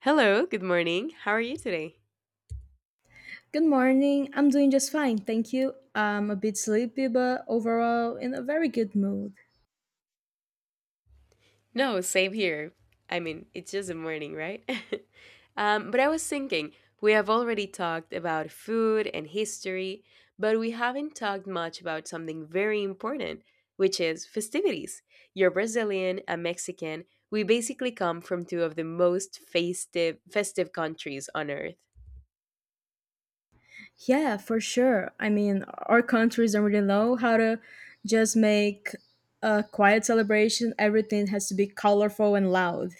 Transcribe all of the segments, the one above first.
Hello, good morning. How are you today? Good morning. I'm doing just fine, thank you. I'm a bit sleepy, but overall in a very good mood. No, same here. I mean, it's just a morning, right? But I was thinking, we have already talked about food and history, but we haven't talked much about something very important, which is festivities. You're Brazilian, I'm Mexican. We basically come from two of the most festive countries on earth. Yeah, for sure. I mean, our countries don't really know how to just make a quiet celebration. Everything has to be colorful and loud.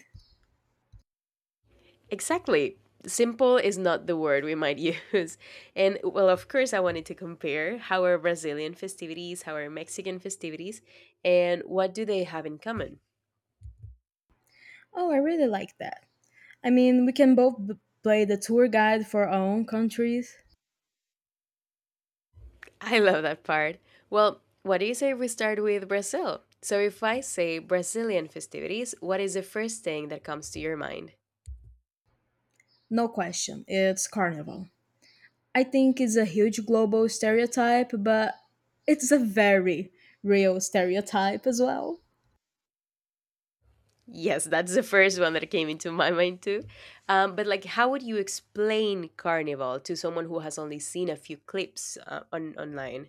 Exactly. Simple is not the word we might use. And well, of course, I wanted to compare how are Brazilian festivities, how are Mexican festivities, and what do they have in common? Oh, I really like that. I mean, we can both play the tour guide for our own countries. I love that part. Well, what do you say we start with Brazil? So, if I say Brazilian festivities, what is the first thing that comes to your mind? No question, it's carnival. I think it's a huge global stereotype, but it's a very real stereotype as well. Yes, that's the first one that came into my mind too. But like, how would you explain Carnival to someone who has only seen a few clips on online?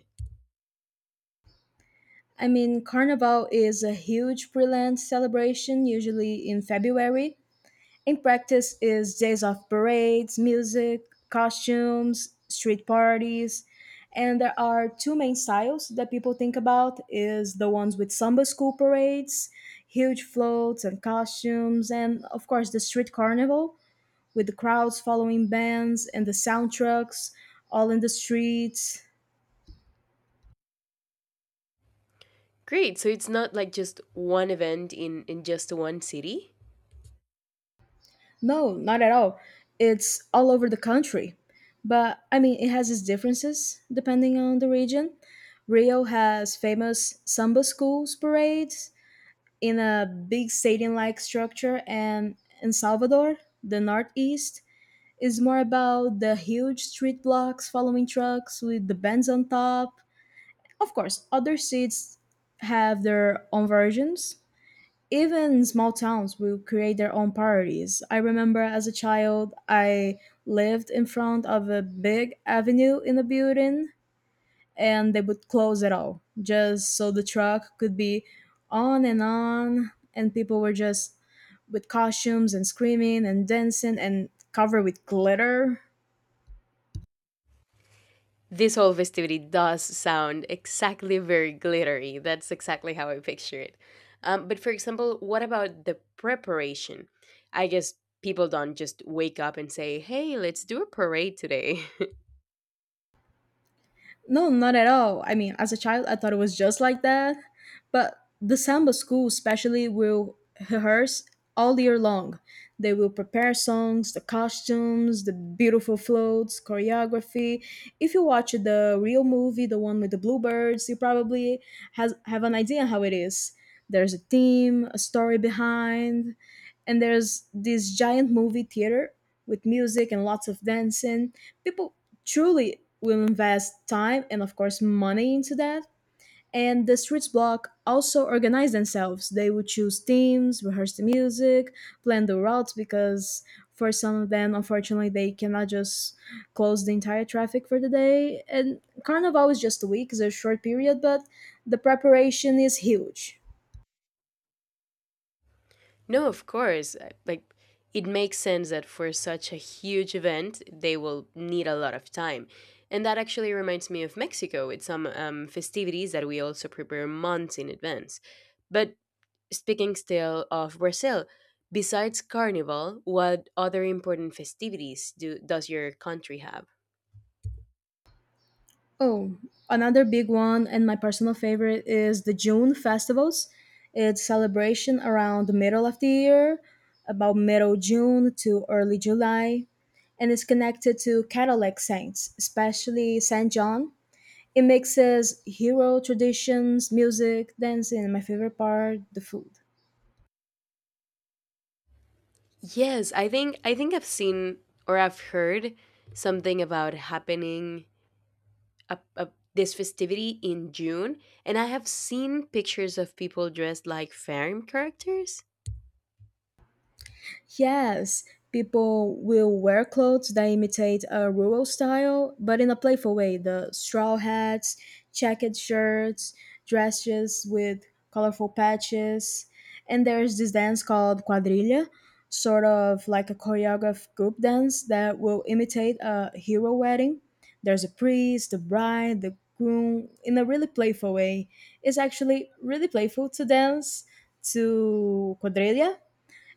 I mean, Carnival is a huge pre-land celebration, usually in February. In practice, is days of parades, music, costumes, street parties, and there are two main styles that people think about: is the ones with samba school parades, huge floats and costumes, and of course the street carnival with the crowds following bands and the sound trucks all in the streets. Great. So it's not like just one event in just one city. No, not at all. It's all over the country. But I mean, it has its differences depending on the region. Rio has famous samba schools parades in a big stadium like structure, and in Salvador, the Northeast, is more about the huge street blocks following trucks with the bands on top. Of course, other cities have their own versions, even small towns will create their own parties. I remember as a child, I lived in front of a big avenue in a building, and they would close it all just so the truck could be on, and people were just with costumes and screaming and dancing and covered with glitter. This whole festivity does sound exactly very glittery. That's exactly how I picture it. But for example, what about the preparation? I guess people don't just wake up and say, hey, let's do a parade today. No, not at all. I mean, as a child, I thought it was just like that. But the samba school, especially, will rehearse all year long. They will prepare songs, the costumes, the beautiful floats, choreography. If you watch the real movie, the one with the bluebirds, you probably have an idea how it is. There's a theme, a story behind, and there's this giant movie theater with music and lots of dancing. People truly will invest time and of course money into that, and the streets block also organize themselves. They would choose themes, rehearse the music, plan the routes, because for some of them unfortunately they cannot just close the entire traffic for the day, and carnival is just a week. It's a short period, but the preparation is huge. No, of course. Like, it makes sense that for such a huge event, they will need a lot of time. And that actually reminds me of Mexico with some festivities that we also prepare months in advance. But speaking still of Brazil, besides Carnival, what other important festivities do does your country have? Oh, another big one and my personal favorite is the June festivals. It's celebration around the middle of the year, about middle June to early July, and it's connected to Catholic saints, especially Saint John. It mixes hero traditions, music, dancing, and my favorite part, the food. Yes, I think I've seen or I've heard something about happening a, a, this festivity in June, and I have seen pictures of people dressed like film characters. Yes, people will wear clothes that imitate a rural style, but in a playful way. The straw hats, checkered shirts, dresses with colorful patches. And there's this dance called quadrilla, sort of like a choreographed group dance that will imitate a hero wedding. There's a priest, the bride, the groom in a really playful way. It's actually really playful to dance to quadrilla,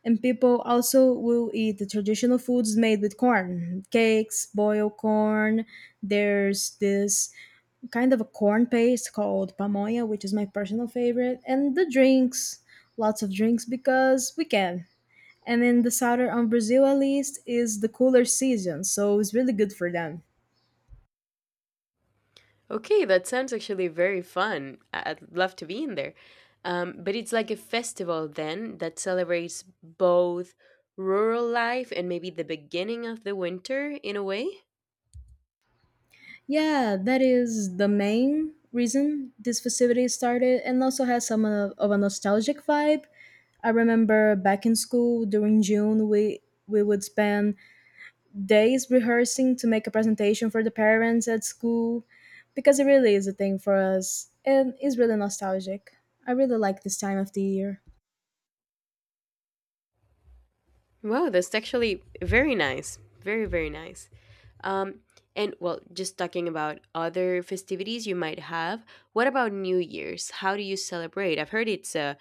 and people also will eat the traditional foods made with corn, cakes, boiled corn. There's this kind of a corn paste called pamoya, which is my personal favorite, and the drinks, lots of drinks because we can. And in the southern of Brazil, at least, is the cooler season, so it's really good for them. Okay, that sounds actually very fun. I'd love to be in there. But it's like a festival then that celebrates both rural life and maybe the beginning of the winter in a way. Yeah, that is the main reason this facility started and also has some of a nostalgic vibe. I remember back in school during June, we would spend days rehearsing to make a presentation for the parents at school, because it really is a thing for us and it's really nostalgic. I really like this time of the year. Wow, that's actually very nice. Very, very nice. Um, and well, just talking about other festivities you might have, what about New Year's? How do you celebrate? I've heard it's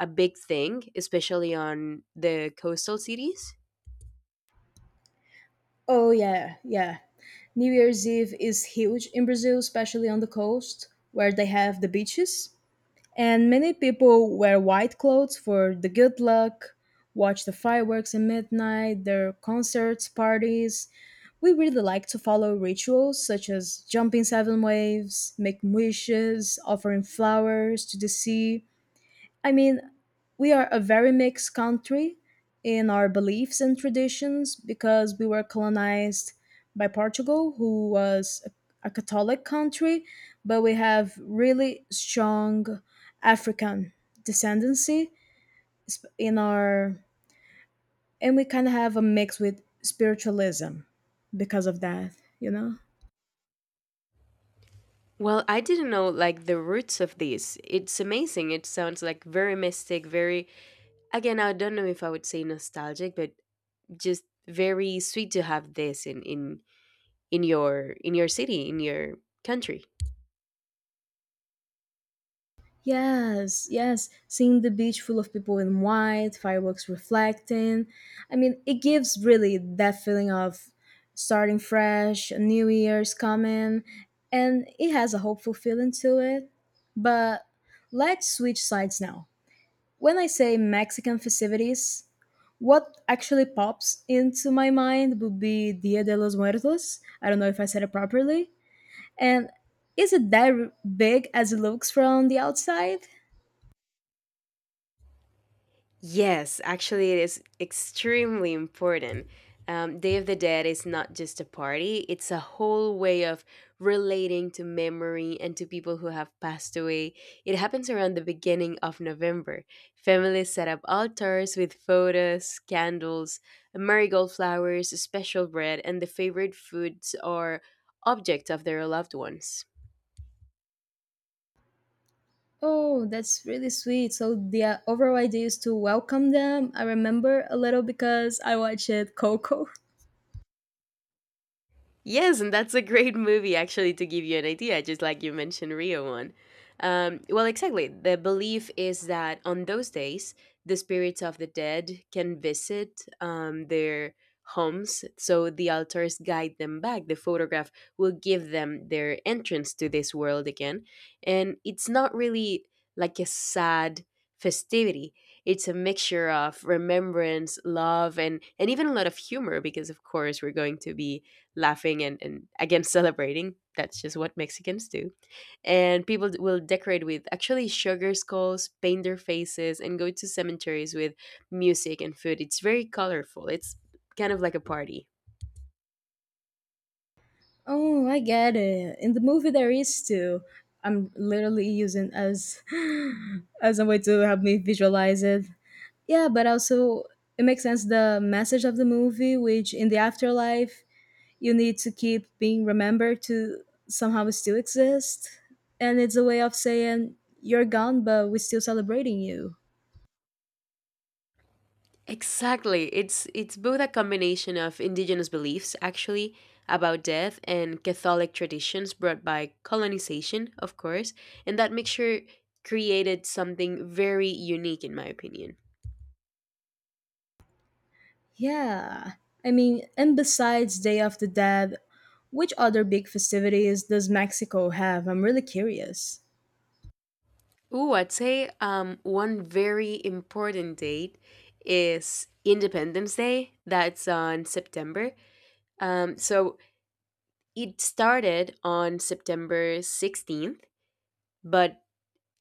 a big thing, especially on the coastal cities. Oh yeah, yeah. New Year's Eve is huge in Brazil, especially on the coast where they have the beaches. And many people wear white clothes for the good luck, watch the fireworks at midnight, their concerts, parties. We really like to follow rituals such as jumping seven waves, making wishes, offering flowers to the sea. I mean, we are a very mixed country in our beliefs and traditions because we were colonized by Portugal, who was a Catholic country, but we have really strong African descendancy sp- in our, and we kind of have a mix with spiritualism because of that, you know? Well, I didn't know like the roots of this. It's amazing. It sounds like very mystic, very again, I don't know if I would say nostalgic, but just very sweet to have this in your city, in your country. Yes, yes. Seeing the beach full of people in white, fireworks reflecting. I mean, it gives really that feeling of starting fresh, a new year's coming, and it has a hopeful feeling to it. But let's switch sides now. When I say Mexican festivities, what actually pops into my mind would be Dia de los Muertos. I don't know if I said it properly. And is it that big as it looks from the outside? Yes, actually, it is extremely important. Day of the Dead is not just a party, it's a whole way of relating to memory and to people who have passed away. It happens around the beginning of November. Families set up altars with photos, candles, marigold flowers, special bread, and the favorite foods or objects of their loved ones. Oh, that's really sweet. So the overall idea is to welcome them. I remember a little because I watched Coco. Yes, and that's a great movie actually to give you an idea, just like you mentioned Rio one. Well, exactly. The belief is that on those days, the spirits of the dead can visit their homes, so the altars guide them back. The photograph will give them their entrance to this world again. And it's not really like a sad festivity, it's a mixture of remembrance, love, and even a lot of humor, because of course, we're going to be laughing and again celebrating. That's just what Mexicans do. And people will decorate with actually sugar skulls, paint their faces, and go to cemeteries with music and food. It's very colorful. It's kind of like a party. Oh, I get it. In the movie, there is too. I'm literally using as as a way to help me visualize it. Yeah, but also it makes sense the message of the movie, which in the afterlife you need to keep being remembered to somehow still exist, and it's a way of saying you're gone, but we're still celebrating you. Exactly. It's both a combination of indigenous beliefs actually about death and Catholic traditions brought by colonization, of course, and that mixture created something very unique in my opinion. Yeah. I mean, and besides Day of the Dead, which other big festivities does Mexico have? I'm really curious. Ooh, I'd say one very important date is Independence Day. That's on September. So it started on September 16th, but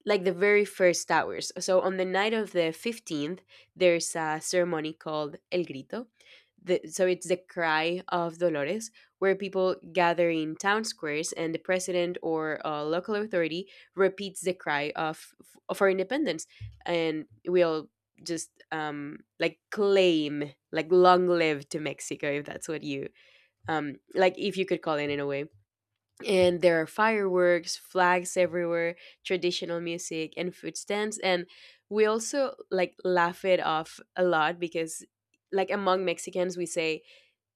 like the very first hours. So on the night of the 15th, there's a ceremony called El Grito. The, so it's the cry of Dolores, where people gather in town squares and the president or a local authority repeats the cry of our independence. And we all just like claim, like long live to Mexico, if that's what you, like if you could call it in a way, and there are fireworks, flags everywhere, traditional music, and food stands. And we also like laugh it off a lot because, like, among Mexicans, we say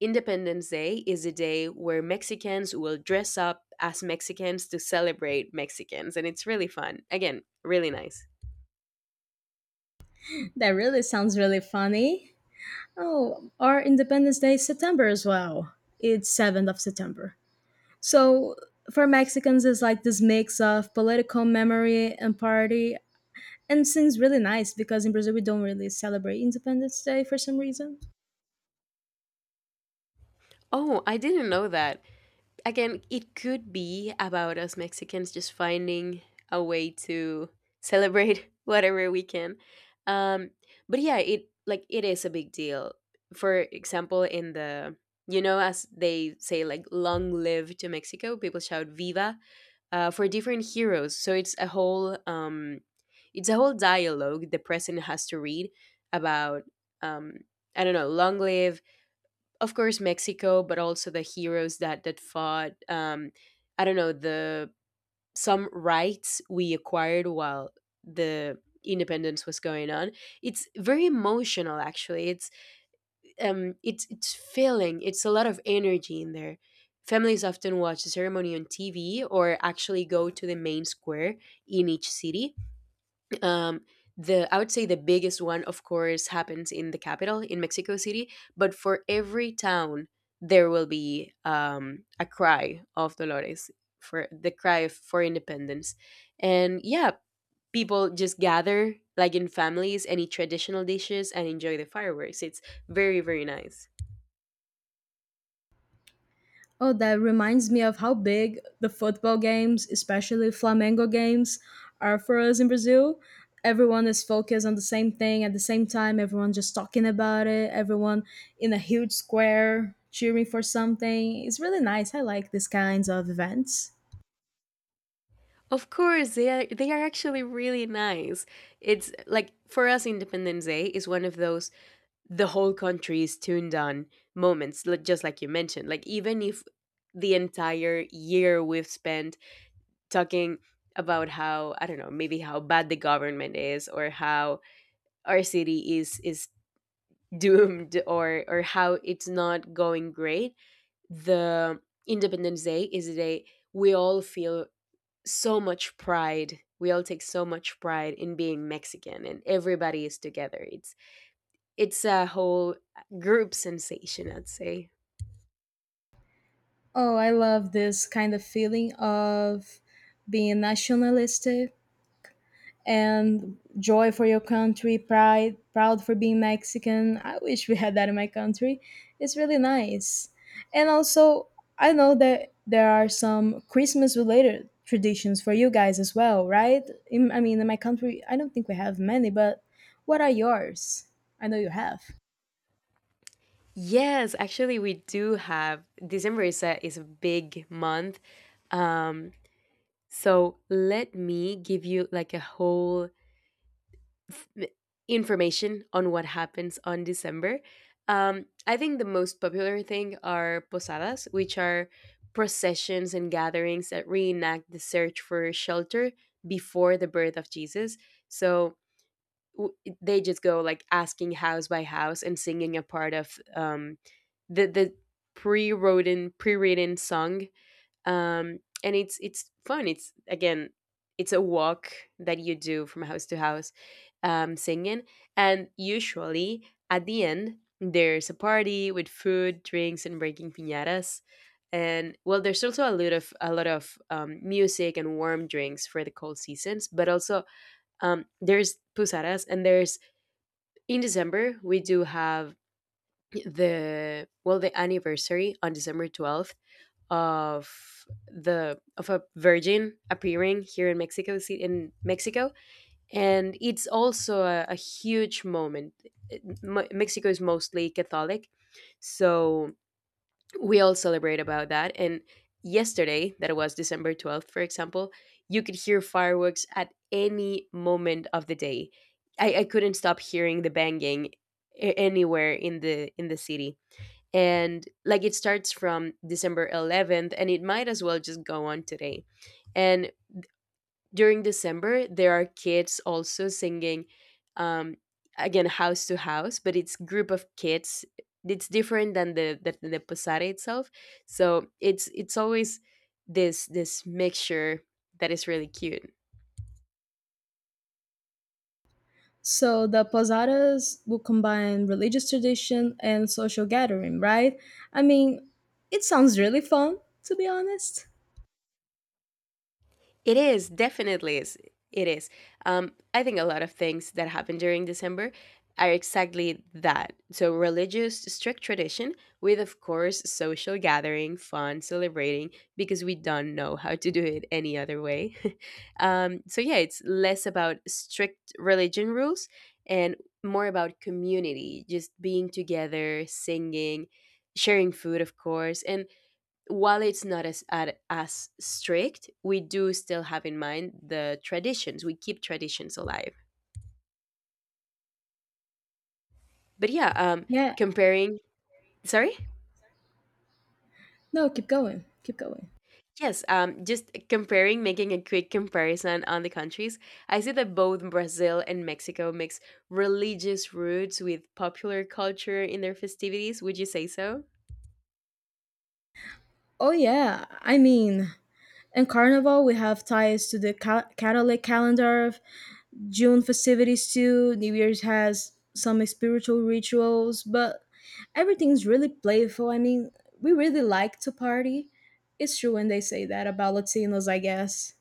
Independence Day is a day where Mexicans will dress up as Mexicans to celebrate Mexicans. And it's really fun. Again, really nice. That really sounds really funny. Oh, our Independence Day is September as well. It's 7th of September. So for Mexicans, it's like this mix of political memory and party. And seems really nice because in Brazil we don't really celebrate Independence Day for some reason. Oh, I didn't know that. Again, it could be about us Mexicans just finding a way to celebrate whatever we can. Um, but yeah, it it is a big deal. For example, in the you know, as they say, like "long live to Mexico," people shout "Viva" for different heroes. So it's a whole dialogue the president has to read about um, I don't know, "Long live of course Mexico, but also the heroes that fought. I don't know the some rights we acquired while the independence was going on. It's very emotional, actually. It's it's filling. It's a lot of energy in there. Families often watch the ceremony on TV or actually go to the main square in each city, um, the I would say the biggest one, of course, happens in the capital in Mexico City. But for every town, there will be a cry of Dolores for the cry for independence, and yeah, people just gather like in families and eat traditional dishes and enjoy the fireworks. It's very very nice. Oh, that reminds me of how big the football games, especially Flamengo games, are for us in Brazil. Everyone is focused on the same thing at the same time, everyone just talking about it, everyone in a huge square cheering for something. It's really nice. I like these kinds of events. Of course, they are actually really nice. It's like for us, Independence Day is one of those the whole country is tuned on moments, just like you mentioned. Like, even if the entire year we've spent talking about how, I don't know, maybe how bad the government is or how our city is doomed, or how it's not going great, the Independence Day is a day we all feel so much pride. We all take so much pride in being Mexican and everybody is together. It's a whole group sensation, I'd say. Oh, I love this kind of feeling of being nationalistic and joy for your country, pride, proud for being Mexican. I wish we had that in my country. It's really nice. And also, I know that there are some Christmas related traditions for you guys as well, right? I mean, in my country, I don't think we have many, but what are yours? I know you have. Yes, actually, we do have December is a big month. Um, so let me give you like a whole m- information on what happens on December. I think the most popular thing are posadas, which are processions and gatherings that reenact the search for shelter before the birth of Jesus. So w- they just go like asking house by house and singing a part of the pre-written song, and it's fun, it's again, it's a walk that you do from house to house, singing, and usually at the end there's a party with food, drinks, and breaking piñatas. And well, there's also a lot of music and warm drinks for the cold seasons, but also, there's pusaras, and there's in December, we do have the well the anniversary on December 12th of the of a virgin appearing here in in Mexico, and it's also a huge moment. Mexico is mostly Catholic, so we all celebrate about that. And yesterday that was December 12th, for example, you could hear fireworks at any moment of the day. I couldn't stop hearing the banging anywhere in the city. And like it starts from December 11th, and it might as well just go on today. And during December, there are kids also singing, um, again house to house, but it's group of kids. It's different than the posada itself, so it's always this mixture that is really cute. So the posadas will combine religious tradition and social gathering, right? I mean, it sounds really fun, to be honest. It is definitely is. It is. I think a lot of things that happen during December are exactly that. So religious, strict tradition with, of course, social gathering, fun, celebrating, because we don't know how to do it any other way. So yeah, it's less about strict religion rules and more about community, just being together, singing, sharing food, of course, and while it's not as strict, we do still have in mind the traditions. We keep traditions alive. But yeah, Yeah. comparing. Sorry. No, keep going. Keep going. Yes. Just comparing, making a quick comparison on the countries. I see that both Brazil and Mexico mix religious roots with popular culture in their festivities. Would you say so? Oh, yeah. I mean, in Carnival, we have ties to the Catholic calendar, June festivities too. New Year's has some spiritual rituals, but everything's really playful. I mean, we really like to party. It's true when they say that about Latinos, I guess.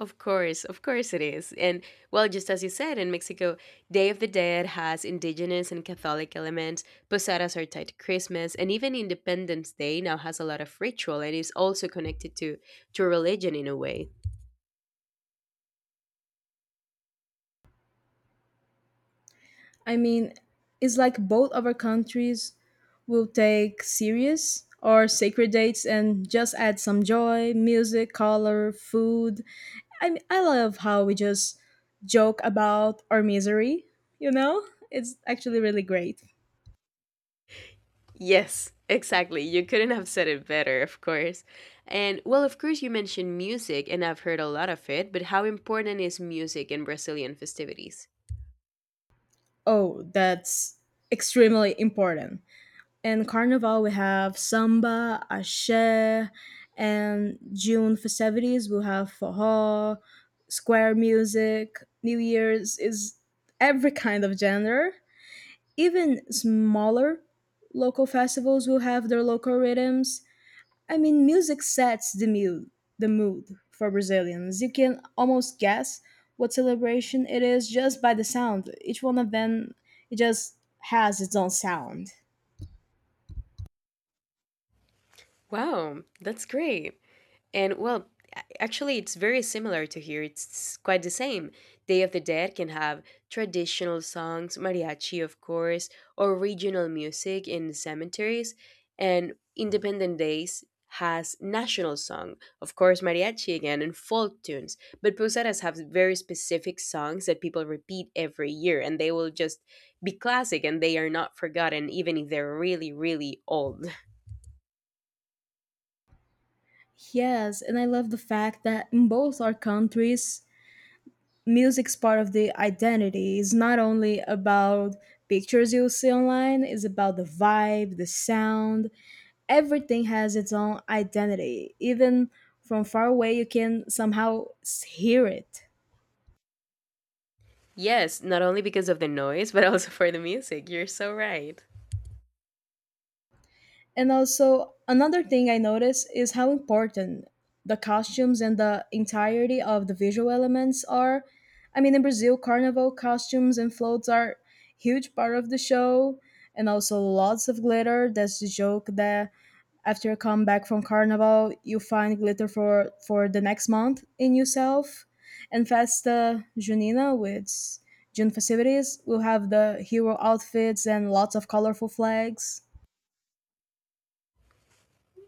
Of course it is. And well, just as you said, in Mexico, Day of the Dead has indigenous and Catholic elements. Posadas are tied to Christmas, and even Independence Day now has a lot of ritual and is also connected to religion in a way. I mean, it's like both of our countries will take serious or sacred dates and just add some joy, music, color, food. I mean, I love how we just joke about our misery, you know? It's actually really great. Yes, exactly. You couldn't have said it better, of course. And well, of course you mentioned music and I've heard a lot of it, but how important is music in Brazilian festivities? Oh, that's extremely important. In Carnival, we have samba, ashe, and June festivities. We have forró, square music, New Year's is every kind of genre. Even smaller local festivals will have their local rhythms. I mean, music sets the mood for Brazilians. You can almost guess what celebration it is just by the sound. Each one of them, it just has its own sound. Wow, that's great. And well, actually, it's very similar to here. It's quite the same. Day of the Dead can have traditional songs, mariachi, of course, or regional music in cemeteries, and Independent Days has national song, of course, mariachi again, and folk tunes. But posadas have very specific songs that people repeat every year, and they will just be classic and they are not forgotten, even if they're really, really old. Yes, and I love the fact that in both our countries, music's part of the identity. It's not only about pictures you'll see online, it's about the vibe, the sound. Everything has its own identity. Even from far away, you can somehow hear it. Yes, not only because of the noise, but also for the music. You're so right. And also, another thing I noticed is how important the costumes and the entirety of the visual elements are. I mean, in Brazil, carnival costumes and floats are huge part of the show, and also lots of glitter. That's the joke that after you come back from carnival, you find glitter for the next month in yourself. And Festa Junina, which June festivities, will have the hero outfits and lots of colorful flags.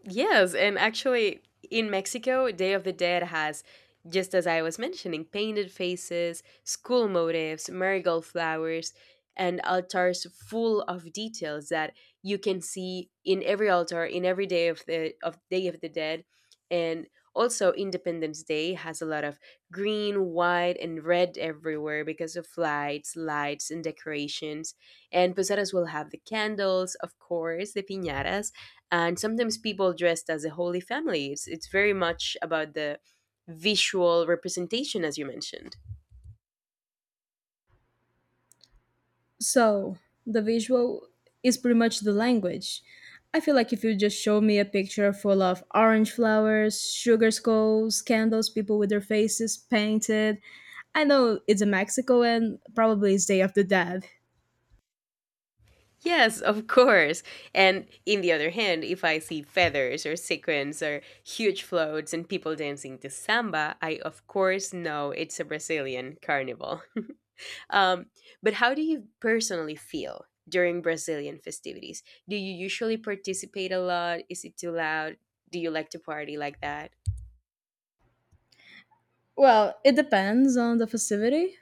Yes, and actually, in Mexico, Day of the Dead has, just as I was mentioning, painted faces, school motifs, marigold flowers, and altars full of details that you can see in every altar, in every day of the of Day of the Dead, and also Independence Day has a lot of green, white, and red everywhere because of lights, and decorations. And posadas will have the candles, of course, the piñatas, and sometimes people dressed as a holy family. It's very much about the visual representation as you mentioned. So, the visual is pretty much the language. I feel like if you just show me a picture full of orange flowers, sugar skulls, candles, people with their faces painted, I know it's in Mexico and probably it's Day of the Dead. Yes, of course. And in the other hand, if I see feathers or sequins or huge floats and people dancing to samba, I of course know it's a Brazilian carnival. Um, but how do you personally feel during Brazilian festivities? Do you usually participate a lot? Is it too loud? Do you like to party like that? Well, it depends on the festivity.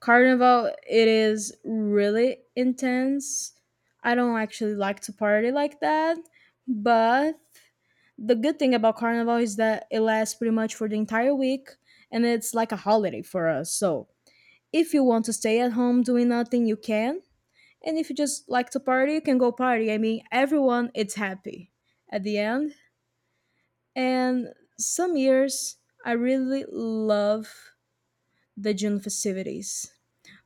Carnival, it is really intense. I don't actually like to party like that, but the good thing about Carnival is that it lasts pretty much for the entire week and it's like a holiday for us. So, if you want to stay at home doing nothing, you can. And if you just like to party, you can go party. I mean, everyone it's happy at the end. And some years I really love the June festivities.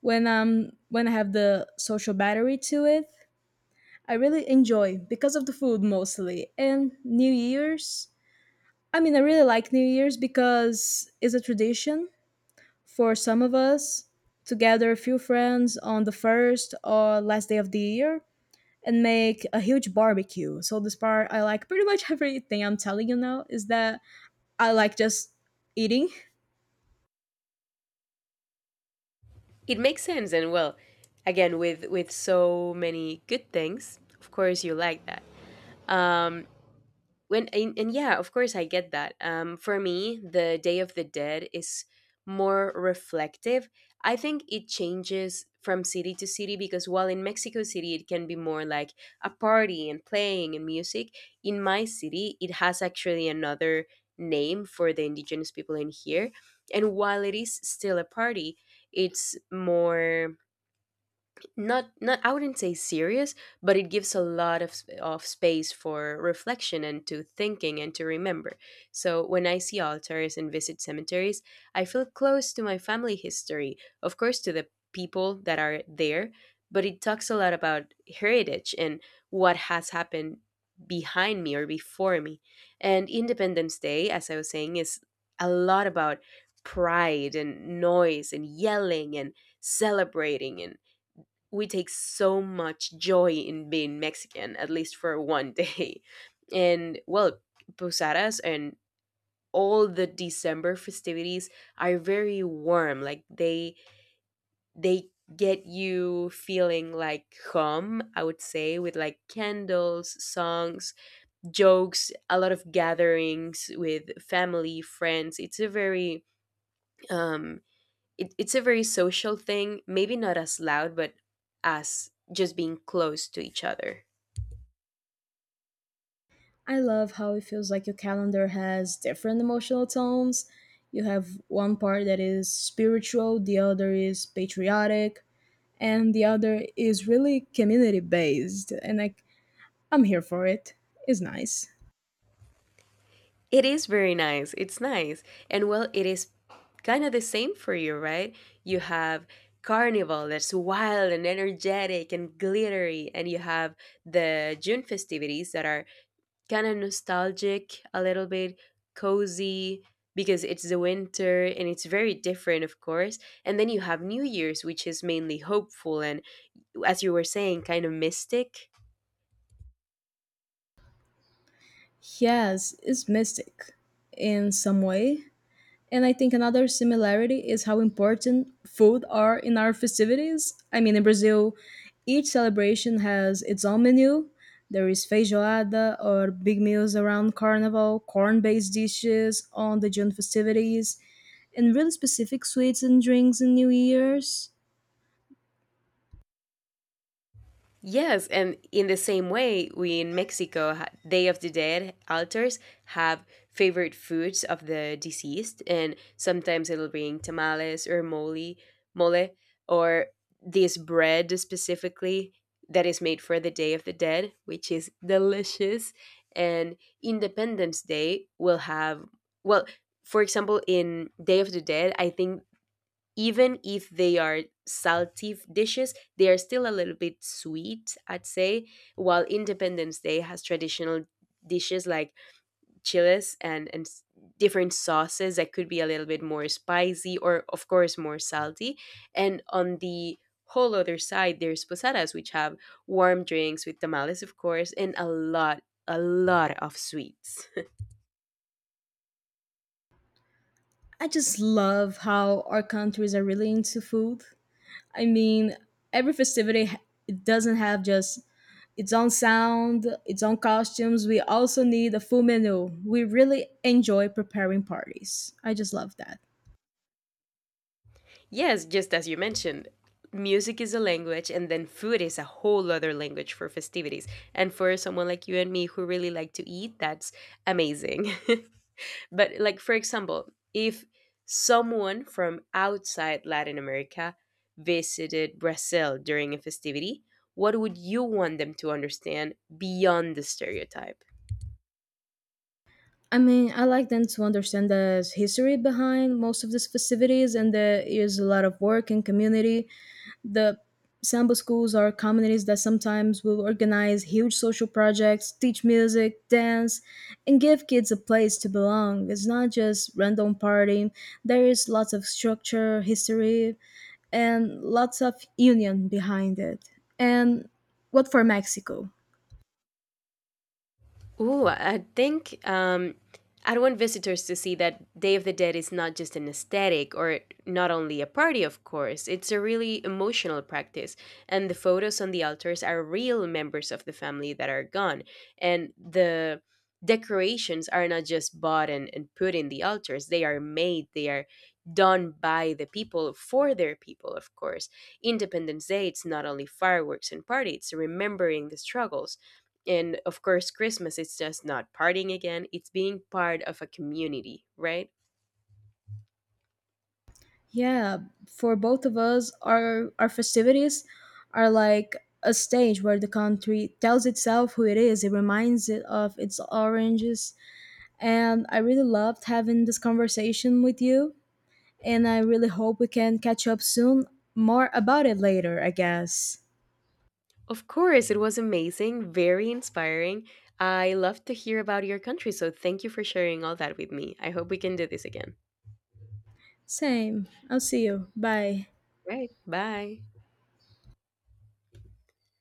When I have the social battery to it, I really enjoy because of the food mostly. And New Year's, I mean I really like New Year's because it's a tradition for some of us to gather a few friends on the first or last day of the year and make a huge barbecue. So this part I like pretty much. Everything I'm telling you now is that I like just eating. It makes sense. And well, again, with so many good things, of course you like that. Um when and, and yeah, of course I get that. For me, the Day of the Dead is more reflective. I think it changes from city to city, because while in Mexico City it can be more like a party and playing and music, in my city it has actually another name for the indigenous people in here, and while it is still a party, it's more, not, I wouldn't say serious, but it gives a lot of space for reflection and to thinking and to remember. So when I see altars and visit cemeteries, I feel close to my family history, of course to the people that are there, but it talks a lot about heritage and what has happened behind me or before me. And Independence Day, as I was saying, is a lot about pride and noise and yelling and celebrating, and we take so much joy in being Mexican, at least for one day. And well, posadas and all the December festivities are very warm. Like, they get you feeling like home, I would say, with like candles, songs, jokes, a lot of gatherings with family, friends. It's a very um it's a very social thing, maybe not as loud, but as just being close to each other. I love how it feels like your calendar has different emotional tones. You have one part that is spiritual, the other is patriotic, and the other is really community based. And like, I'm here for it. It's nice. It is very nice. It's nice. And well, it is kind of the same for you, right? You have carnival that's wild and energetic and glittery, and you have the June festivities that are kind of nostalgic, a little bit cozy, because it's the winter and it's very different, of course. And then you have New Year's, which is mainly hopeful and, as you were saying, kind of mystic. Yes, it's mystic in some way. And I think another similarity is how important food are in our festivities. I mean, in Brazil, each celebration has its own menu. There is feijoada or big meals around carnival, corn based dishes on the June festivities, and really specific sweets and drinks in New Year's. Yes, and in the same way, we in Mexico, Day of the Dead altars have favorite foods of the deceased, and sometimes it'll bring tamales or mole, or this bread specifically that is made for the Day of the Dead, which is delicious. And Independence Day will have, well, for example, in Day of the Dead, I think even if they are salty dishes, they are still a little bit sweet, I'd say. While Independence Day has traditional dishes like chiles and different sauces that could be a little bit more spicy or, of course, more salty. And on the whole other side, there's posadas, which have warm drinks with tamales, of course, and a lot of sweets. I just love how our countries are really into food. I mean, every festivity it doesn't have just its own sound, its own costumes. We also need a full menu. We really enjoy preparing parties. I just love that. Yes, just as you mentioned, music is a language, and then food is a whole other language for festivities. And for someone like you and me who really like to eat, that's amazing. But, like, for example, if someone from outside Latin America visited Brazil during a festivity, what would you want them to understand beyond the stereotype? I mean, I like them to understand the history behind most of these festivities, and there is a lot of work and community. The Sample schools are communities that sometimes will organize huge social projects, teach music, dance, and give kids a place to belong. It's not just random partying. There is lots of structure, history, and lots of union behind it. And what for Mexico? Ooh, I think, I'd want visitors to see that Day of the Dead is not just an aesthetic or not only a party, of course. It's a really emotional practice. And the photos on the altars are real members of the family that are gone. And the decorations are not just bought and put in the altars, they are made, they are done by the people for their people, of course. Independence Day, it's not only fireworks and party, it's remembering the struggles. And of course, Christmas is just not partying again, it's being part of a community, right? Yeah, for both of us, our festivities are like a stage where the country tells itself who it is. It reminds it of its oranges. And I really loved having this conversation with you. And I really hope we can catch up soon. More about it later, I guess. Of course, it was amazing, very inspiring. I love to hear about your country, so thank you for sharing all that with me. I hope we can do this again. Same. I'll see you. Bye. Right. Bye.